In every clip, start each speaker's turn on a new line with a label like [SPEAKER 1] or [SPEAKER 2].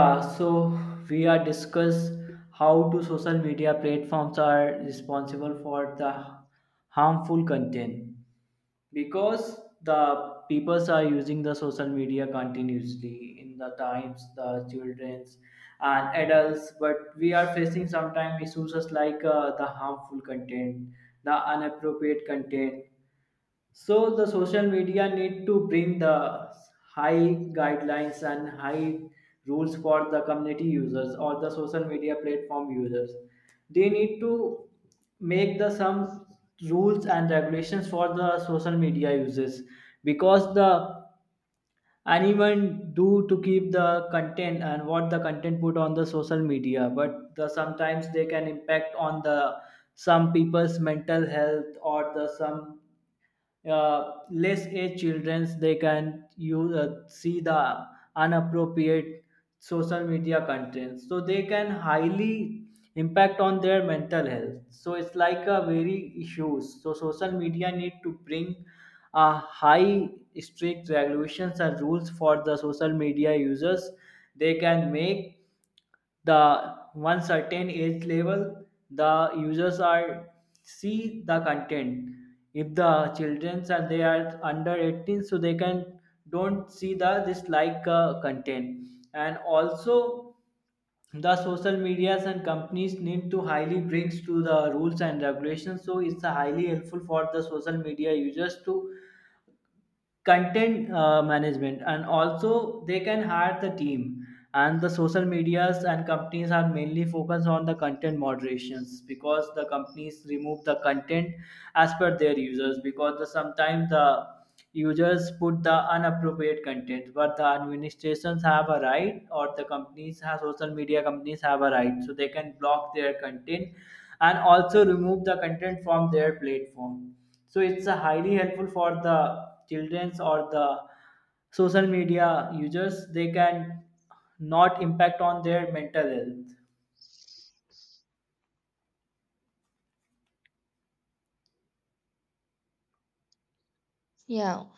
[SPEAKER 1] Yeah, so we are discuss how do social media platforms are responsible for the harmful content, because the peoples are using the social media continuously in the times, the childrens and adults, but we are facing sometimes issues as like the harmful content, the inappropriate content. So the social media need to bring the high guidelines and high rules for the community users or the social media platform users. They need to make the some rules and regulations for the social media users, because the anyone do to keep the content and what the content put on the social media, but the sometimes they can impact on the some people's mental health, or the some less age childrens, they can use see the unappropriate social media contents, so they can highly impact on their mental health, so it's like a very issues. So social media need to bring a high strict regulations and rules for the social media users. They can make the one certain age level the users are see the content. If the children are they are under 18, so they can don't see the this like content. And also the social medias and companies need to highly brings to the rules and regulations, so it's highly helpful for the social media users to content management, and also they can hire the team. And the social medias and companies are mainly focused on the content moderations, because the companies remove the content as per their users, because the, sometimes the users put the inappropriate content, but the administrations have a right, or the companies have, social media companies have a right, so they can block their content and also remove the content from their platform. So it's a highly helpful for the childrens or the social media users, they can not impact on their mental health.
[SPEAKER 2] Yeah,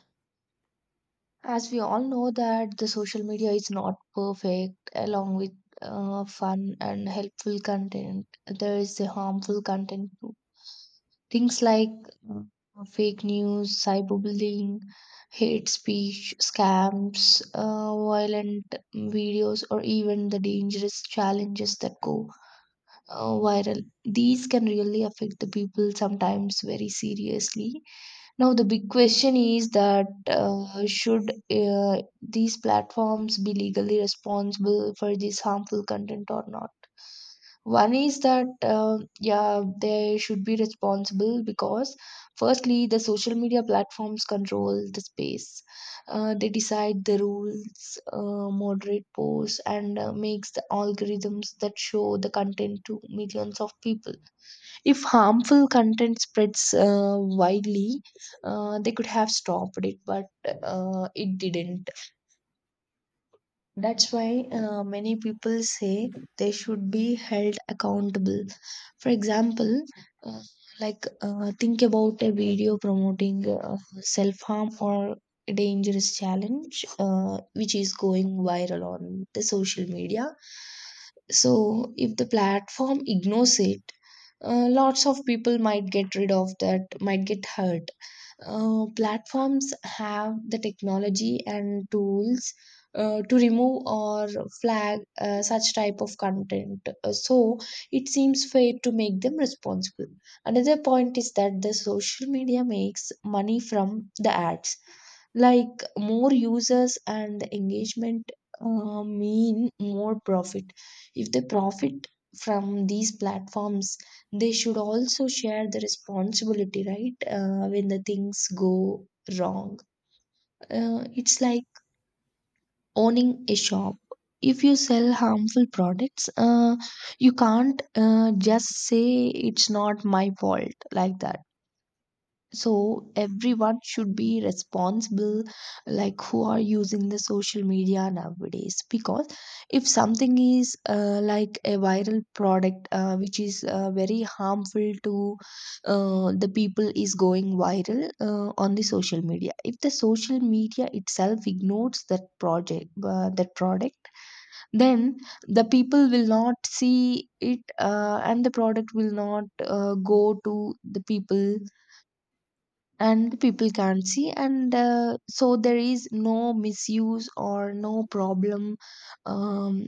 [SPEAKER 2] as we all know that the social media is not perfect, along with fun and helpful content, there is the harmful content too. Things like Mm. fake news, cyberbullying, hate speech, scams, violent videos, or even the dangerous challenges that go viral. These can really affect the people sometimes very seriously. Now the big question is that should these platforms be legally responsible for this harmful content or not? One is that yeah, they should be responsible because firstly, the social media platforms control the space. They decide the rules, moderate posts, and makes the algorithms that show the content to millions of people. If harmful content spreads widely, they could have stopped it, but it didn't. That's why many people say they should be held accountable. For example, uh, like think about a video promoting self harm or a dangerous challenge which is going viral on the social media. So, if the platform ignores it, lots of people might get rid of that, might get hurt. Platforms have the technology and tools to remove or flag such type of content. So it seems fair to make them responsible. Another point is that the social media makes money from the ads, like more users and engagement mean more profit. If they profit from these platforms, they should also share the responsibility, right? When the things go wrong, it's like owning a shop. If you sell harmful products, you can't just say it's not my fault like that. So everyone should be responsible, like who are using the social media nowadays, because if something is like a viral product which is very harmful to the people is going viral on the social media, if the social media itself ignores that product, then the people will not see it, and the product will not go to the people, and the people can't see, and so there is no misuse or no problem um,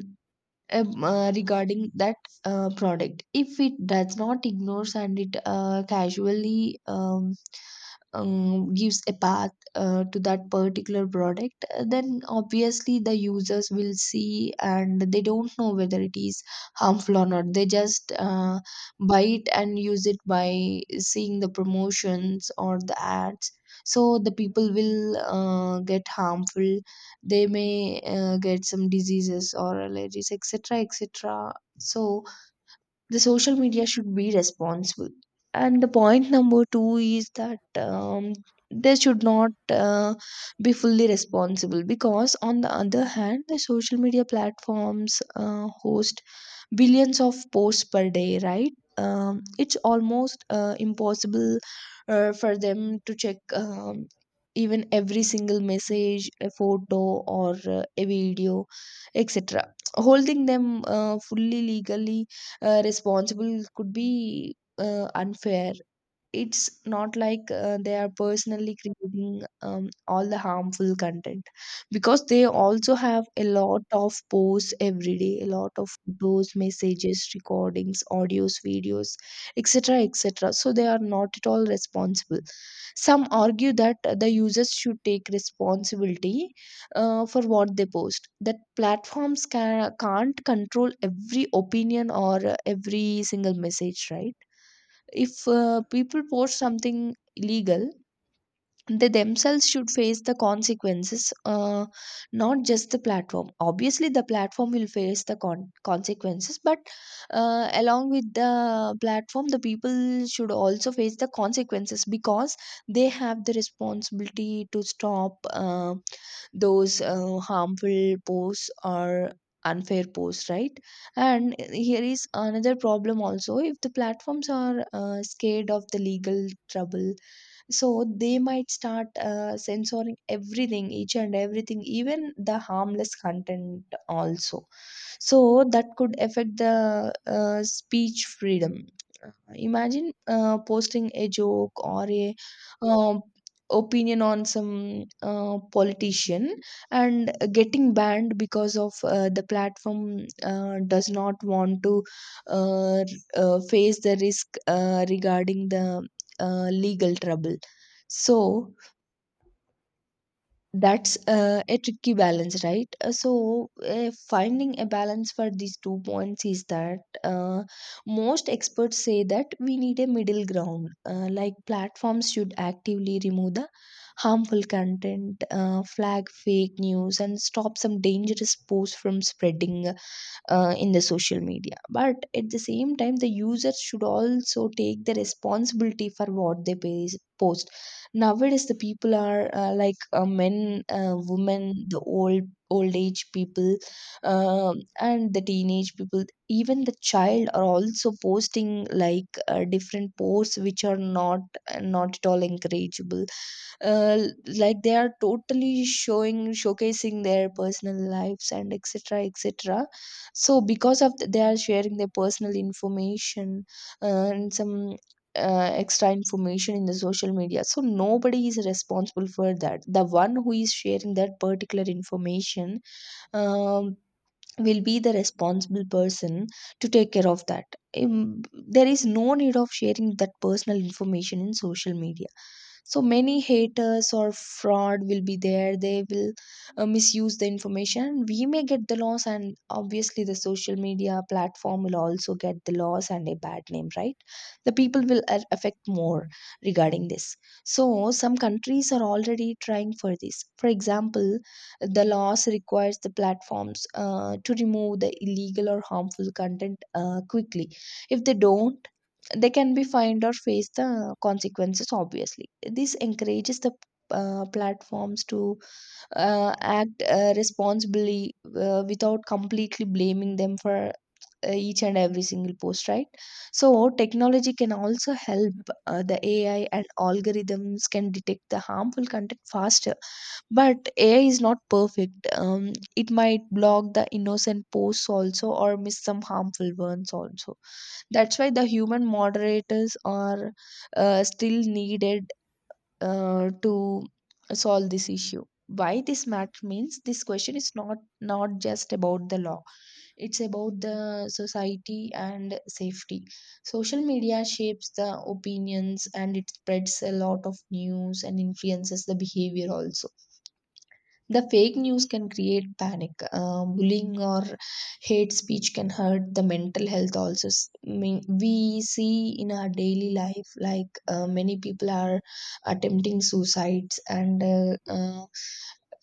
[SPEAKER 2] regarding that product. If it does not ignores and it casually gives a path to that particular product, then obviously the users will see and they don't know whether it is harmful or not. They just buy it and use it by seeing the promotions or the ads. So the people will get harmful. They may get some diseases or allergies, etc, etc. So the social media should be responsible. And the point number two is that they should not be fully responsible, because on the other hand the social media platforms host billions of posts per day, right? It's almost impossible for them to check even every single message, a photo or a video, etc. Holding them fully legally responsible could be unfair. It's not like they are personally creating all the harmful content, because they also have a lot of posts every day, a lot of photos, messages, recordings, audios, videos, etc, etc. So they are not at all responsible. Some argue that the users should take responsibility for what they post, that platforms can't control every opinion or every single message, right? If people post something illegal, they themselves should face the consequences, not just the platform. Obviously the platform will face the consequences, but along with the platform the people should also face the consequences, because they have the responsibility to stop those harmful posts or unfair posts, right? And here is another problem also: if the platforms are scared of the legal trouble, so they might start censoring everything, each and everything, even the harmless content also. So that could affect the speech freedom. Imagine posting a joke or a um, opinion on some politician and getting banned because of the platform does not want to uh, r- face the risk regarding the legal trouble. So that's a tricky balance, right? So finding a balance for these two points is that most experts say that we need a middle ground, like platforms should actively remove the harmful content, flag fake news, and stop some dangerous posts from spreading in the social media, but at the same time the users should also take the responsibility for what they post. Nowadays the people are like men, women, the old age people, and the teenage people. Even the child are also posting like different posts which are not at all encourageable. uh, like they are totally showing showcasing their personal lives and etc, etc. So because of they are sharing their personal information, and some extra information in the social media, so nobody is responsible for that. The one who is sharing that particular information um, will be the responsible person to take care of that. Um, there is no need of sharing that personal information in social media. So many haters or fraud will be there. They will misuse the information. We may get the loss, and obviously the social media platform will also get the loss and a bad name, right? The people will affect more regarding this. So some countries are already trying for this. For example, the laws requires the platforms to remove the illegal or harmful content quickly. If they don't, they can be fined or face the consequences. Obviously this encourages the platforms to act responsibly without completely blaming them for each and every single post, right? So technology can also help. The ai and algorithms can detect the harmful content faster, but ai is not perfect. It might block the innocent posts also or miss some harmful ones also. That's why the human moderators are still needed to solve this issue. Why this matter means this question is not just about the law, it's about the society and safety. Social media shapes the opinions and it spreads a lot of news and influences the behavior also. The fake news can create panic. Bullying or hate speech can hurt the mental health also. We see in our daily life like many people are attempting suicides and uh, uh,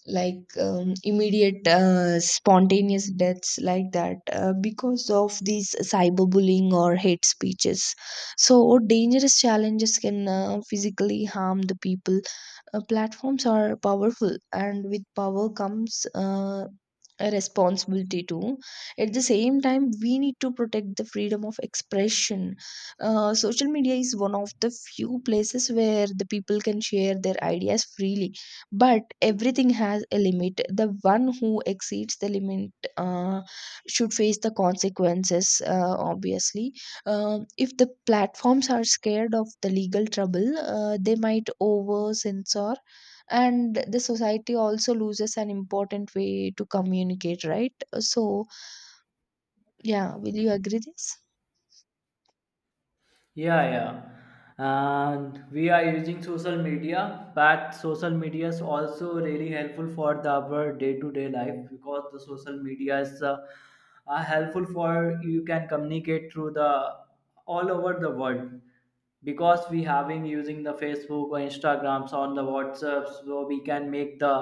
[SPEAKER 2] like um, immediate spontaneous deaths like that, because of these cyberbullying or hate speeches. So dangerous challenges can physically harm the people. Platforms are powerful, and with power comes a responsibility too. At the same time, we need to protect the freedom of expression. Social media is one of the few places where the people can share their ideas freely, but everything has a limit. The one who exceeds the limit uh, should face the consequences, obviously. If the platforms are scared of the legal trouble, they might over censor, and the society also loses an important way to communicate, right? So, yeah, will you agree this?
[SPEAKER 1] Yeah, yeah. And we are using social media, but social media is also really helpful for the our day-to-day life, because the social media is helpful for, you can communicate through the all over the world, because we having using the facebook or instagrams on the whatsapp, so we can make the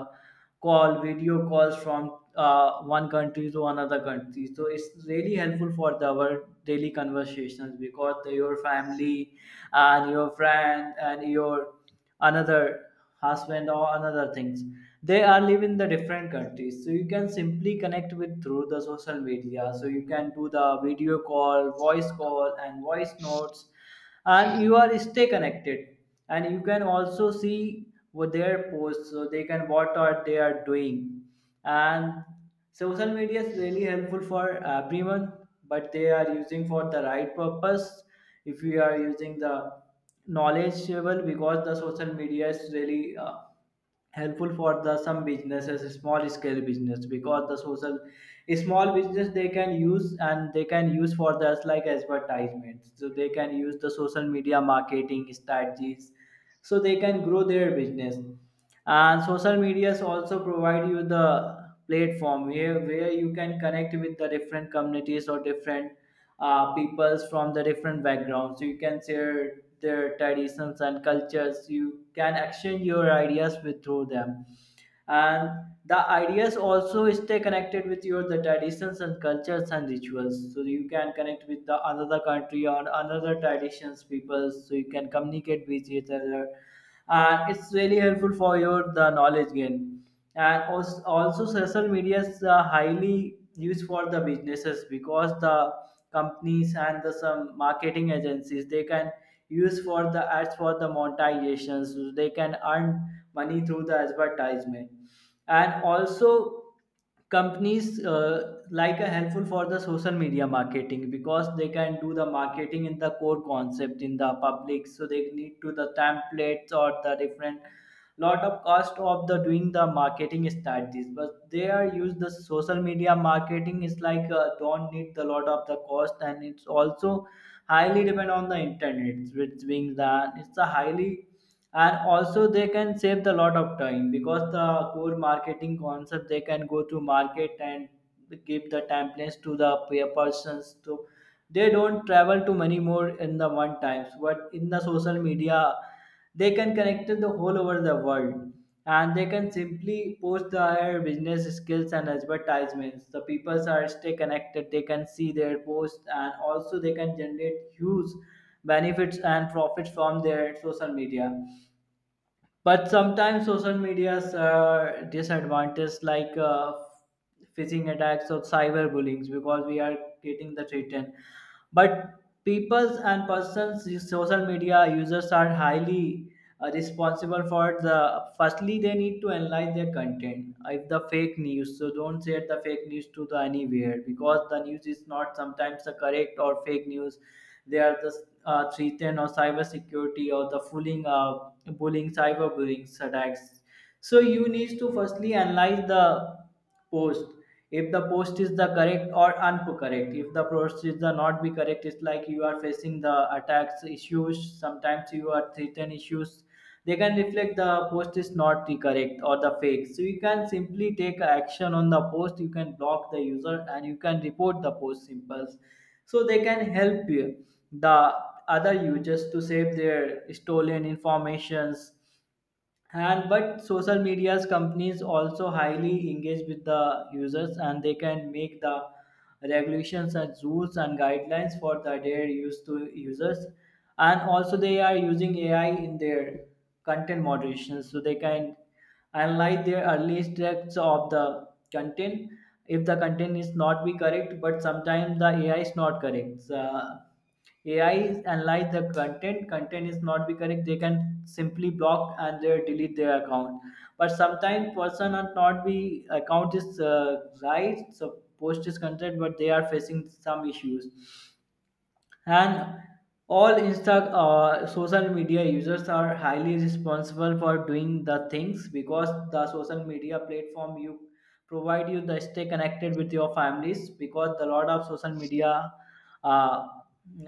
[SPEAKER 1] call, video calls from one country to another country, so it's really helpful for the, our daily conversations, because the, your family and your friend and your another husband or another things, they are live in the different countries, so you can simply connect with through the social media, so you can do the video call, voice call and voice notes, and you are stay connected, and you can also see what their posts, so they can what are they are doing. And social media is really helpful for everyone, but they are using for the right purpose. If we are using the knowledgeable, because the social media is really helpful for the some businesses, small scale business, because the social small business they can use, and they can use for the like advertisements, so they can use the social media marketing strategies, so they can grow their business. And social medias also provide you the platform here, where you can connect with the different communities or different peoples from the different backgrounds. So you can share their traditions and cultures. You can exchange your ideas with through them, and the ideas also stay connected with your the traditions and cultures and rituals, so you can connect with the another country or another traditions people, so you can communicate with each other, and it's really helpful for your the knowledge gain. And also, also social media is highly used for the businesses, because the companies and the some marketing agencies, they can use for the ads for the monetizations, so they can earn money through the advertisement. And also companies like a helpful for the social media marketing, because they can do the marketing in the core concept in the public, so they need to the templates or the different lot of cost of the doing the marketing strategies, but they are use the social media marketing is like don't need the lot of the cost, and it's also highly depend on the internet, which being that it's a highly. And also they can save the lot of time, because the core marketing concept they can go to market and give the templates to the peer persons. So they don't travel to many more in the one times, but in the social media they can connect to the whole over the world, and they can simply post their business skills and advertisements, the people are stay connected, they can see their posts, and also they can generate huge benefits and profits from their social media. But sometimes social media's disadvantage like phishing attacks or cyberbullying, because we are getting the threaten. But peoples and persons, these social media users are highly responsible for the. Firstly, they need to analyze their content. If the fake news, so don't share the fake news to the anywhere, because the news is not sometimes the correct or fake news. They are the 310 or cyber security or the fooling, bullying, cyber bullying attacks. So you need to firstly analyze the post. If the post is the correct or incorrect, if the post is the not be correct, it's like you are facing the attacks issues, sometimes you are threatened issues. They can reflect the post is not the correct or the fake, so you can simply take action on the post, you can block the user, and you can report the post, simples. So they can help you the other users to save their stolen informations. And but social media's companies also highly engage with the users, and they can make the regulations and rules and guidelines for the their use to users. And also they are using AI in their content moderation, so they can analyze their early steps of the content, if the content is not be correct. But sometimes the AI is not correct. AI analyze the content. Content is not be correct. They can simply block and they delete their account. But sometimes person are not be account is right. So post is content, but they are facing some issues. And all Insta social media users are highly responsible for doing the things, because the social media platform you provide you the stay connected with your families, because the lot of social media uh,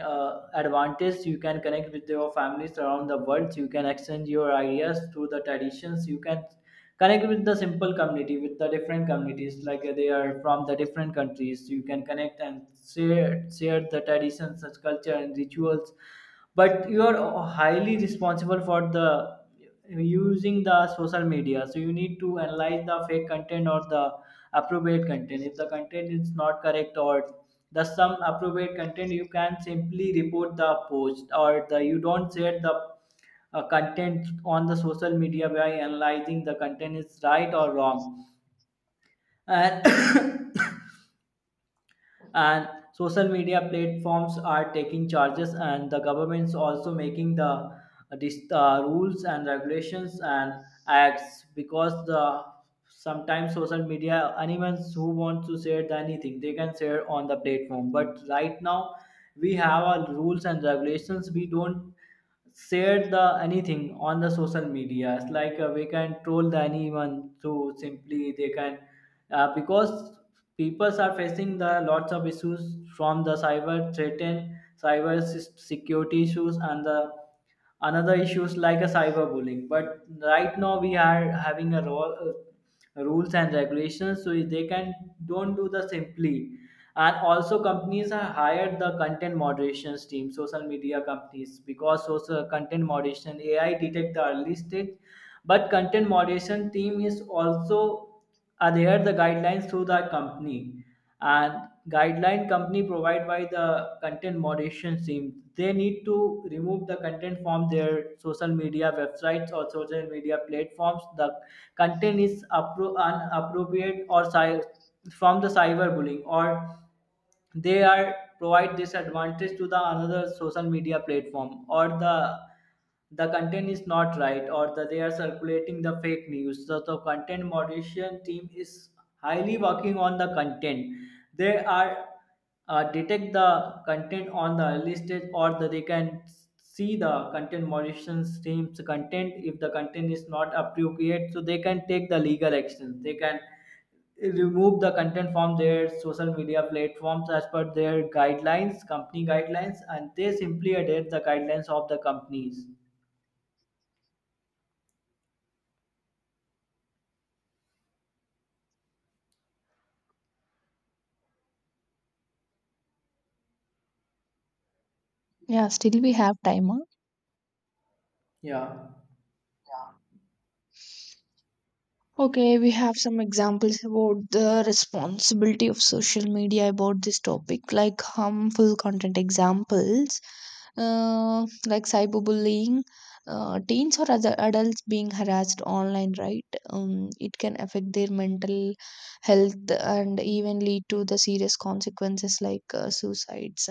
[SPEAKER 1] advantage, you can connect with your families around the world, you can exchange your ideas through the traditions, you can connect with the simple community with the different communities, like they are from the different countries, you can connect and share, share the traditions such culture and rituals. But you are highly responsible for the using the social media, so you need to analyze the fake content or the appropriate content. If the content is not correct or the some appropriate content, you can simply report the post, or the you don't share the content on the social media by analyzing the content is right or wrong. And and social media platforms are taking charges, and the government's also making the this, rules and regulations and acts, because the sometimes social media anyone who wants to share the anything they can share on the platform. But right now we have our rules and regulations, we don't share the anything on the social media, it's like we can troll the anyone, so simply they can because people are facing the lots of issues from the cyber threat and cyber security issues and the another issues like a cyberbullying. But right now we are having a role, rules and regulations, so they can don't do the simply. And also companies have hired the content moderations team, social media companies, because social content moderation AI detect the early stage, but content moderation team is also adhere the guidelines through the company. And guideline company provide by the content moderation team, they need to remove the content from their social media websites or social media platforms. The content is inappropriate, or from the cyberbullying, or they are provide this advantage to the another social media platform, or the content is not right, or the they are circulating the fake news. So the content moderation team is highly working on the content. They are detect the content on the early stage, or the they can see the content moderation team's content, if the content is not appropriate, so they can take the legal actions, they can remove the content from their social media platforms as per their guidelines, company guidelines, and they simply adhere the guidelines of the companies.
[SPEAKER 2] Yeah, still we have time.
[SPEAKER 1] Yeah.
[SPEAKER 2] Huh? Okay, we have some examples about the responsibility of social media about this topic, like harmful content examples, like cyberbullying, teens or other adults being harassed online, right? It can affect their mental health and even lead to the serious consequences like suicides,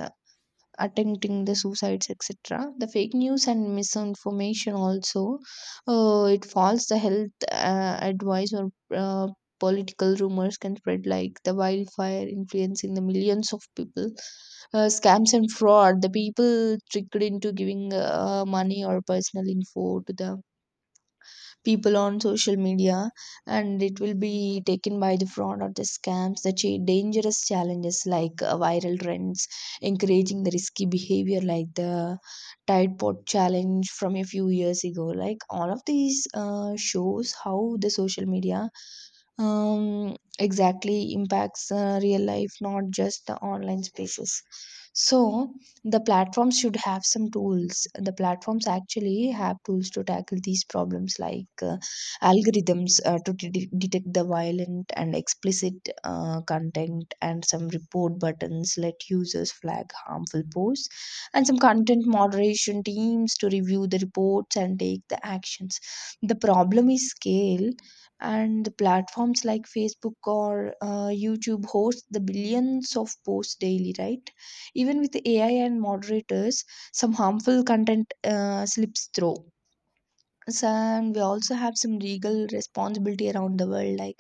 [SPEAKER 2] attempting the suicides, etc. The fake news and misinformation also, it falls the health advice or uh, political rumors can spread like the wildfire, influencing the millions of people. Scams and fraud, the people tricked into giving money or personal info to the people on social media, and it will be taken by the fraud or the scams. The dangerous challenges like viral trends encouraging the risky behavior like the tide pod challenge from a few years ago. Like all of these shows how the social media exactly impacts real life, not just the online spaces. So the platforms should have some tools. The platforms actually have tools to tackle these problems, like algorithms to detect the violent and explicit content, and some report buttons let users flag harmful posts, and some content moderation teams to review the reports and take the actions. The problem is scale. And the platforms like Facebook or YouTube host the billions of posts daily, right? Even with AI and moderators, some harmful content slips through. So, and we also have some legal responsibility around the world, like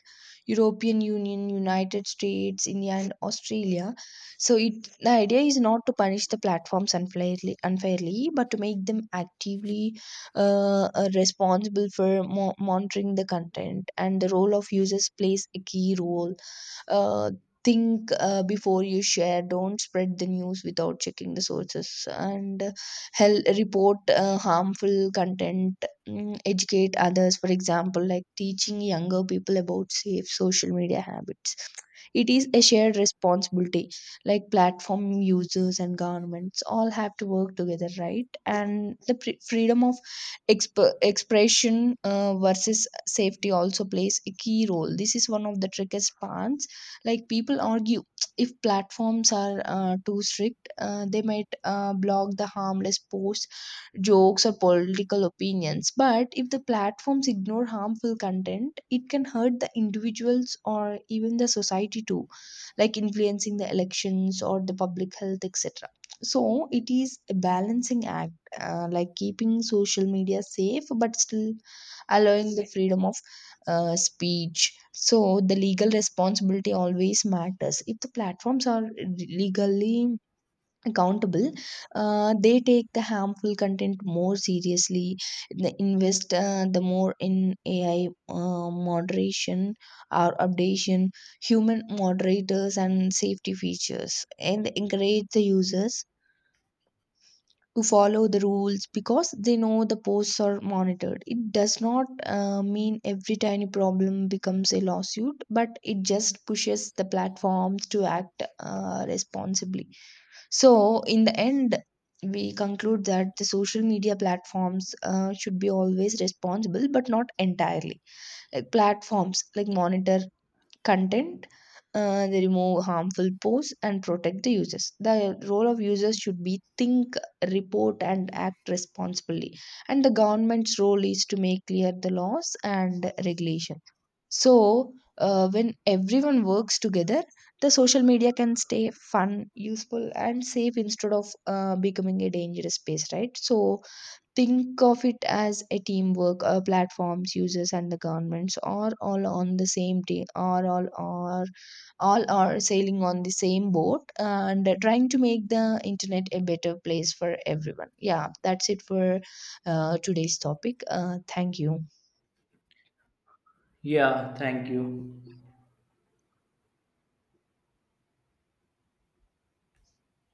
[SPEAKER 2] European Union, United States, India, and Australia. So it the idea is not to punish the platforms unfairly, but to make them actively responsible for monitoring the content. And the role of users plays a key role. uh, think before you share, don't spread the news without checking the sources, and report harmful content. Educate others, for example like teaching younger people about safe social media habits. It is a shared responsibility, like platform, users and governments all have to work together, right? And the freedom of expression versus safety also plays a key role. This is one of the trickiest parts. Like people argue if platforms are too strict, they might block the harmless posts, jokes, or political opinions. But if the platforms ignore harmful content, it can hurt the individuals or even the society too, like influencing the elections or the public health, etc. So it is a balancing act, like keeping social media safe but still allowing the freedom of speech. So the legal responsibility always matters. If the platforms are legally accountable, they take the harmful content more seriously. They invest the more in AI moderation or updation, human moderators, and safety features, and encourage the users to follow the rules because they know the posts are monitored. It does not mean every tiny problem becomes a lawsuit, but it just pushes the platforms to act responsibly. So, in the end, we conclude that the social media platforms should be always responsible, but not entirely. Like platforms like monitor content, they remove harmful posts and protect the users. The role of users should be think, report, and act responsibly. And the government's role is to make clear the laws and regulation. So, when everyone works together, the social media can stay fun, useful, and safe instead of becoming a dangerous space, right? So, think of it as a teamwork. Our platforms, users, and the governments are all on the same team. Are all are All are sailing on the same boat and trying to make the internet a better place for everyone. Yeah, that's it for today's topic. Thank you.
[SPEAKER 1] Yeah, thank you.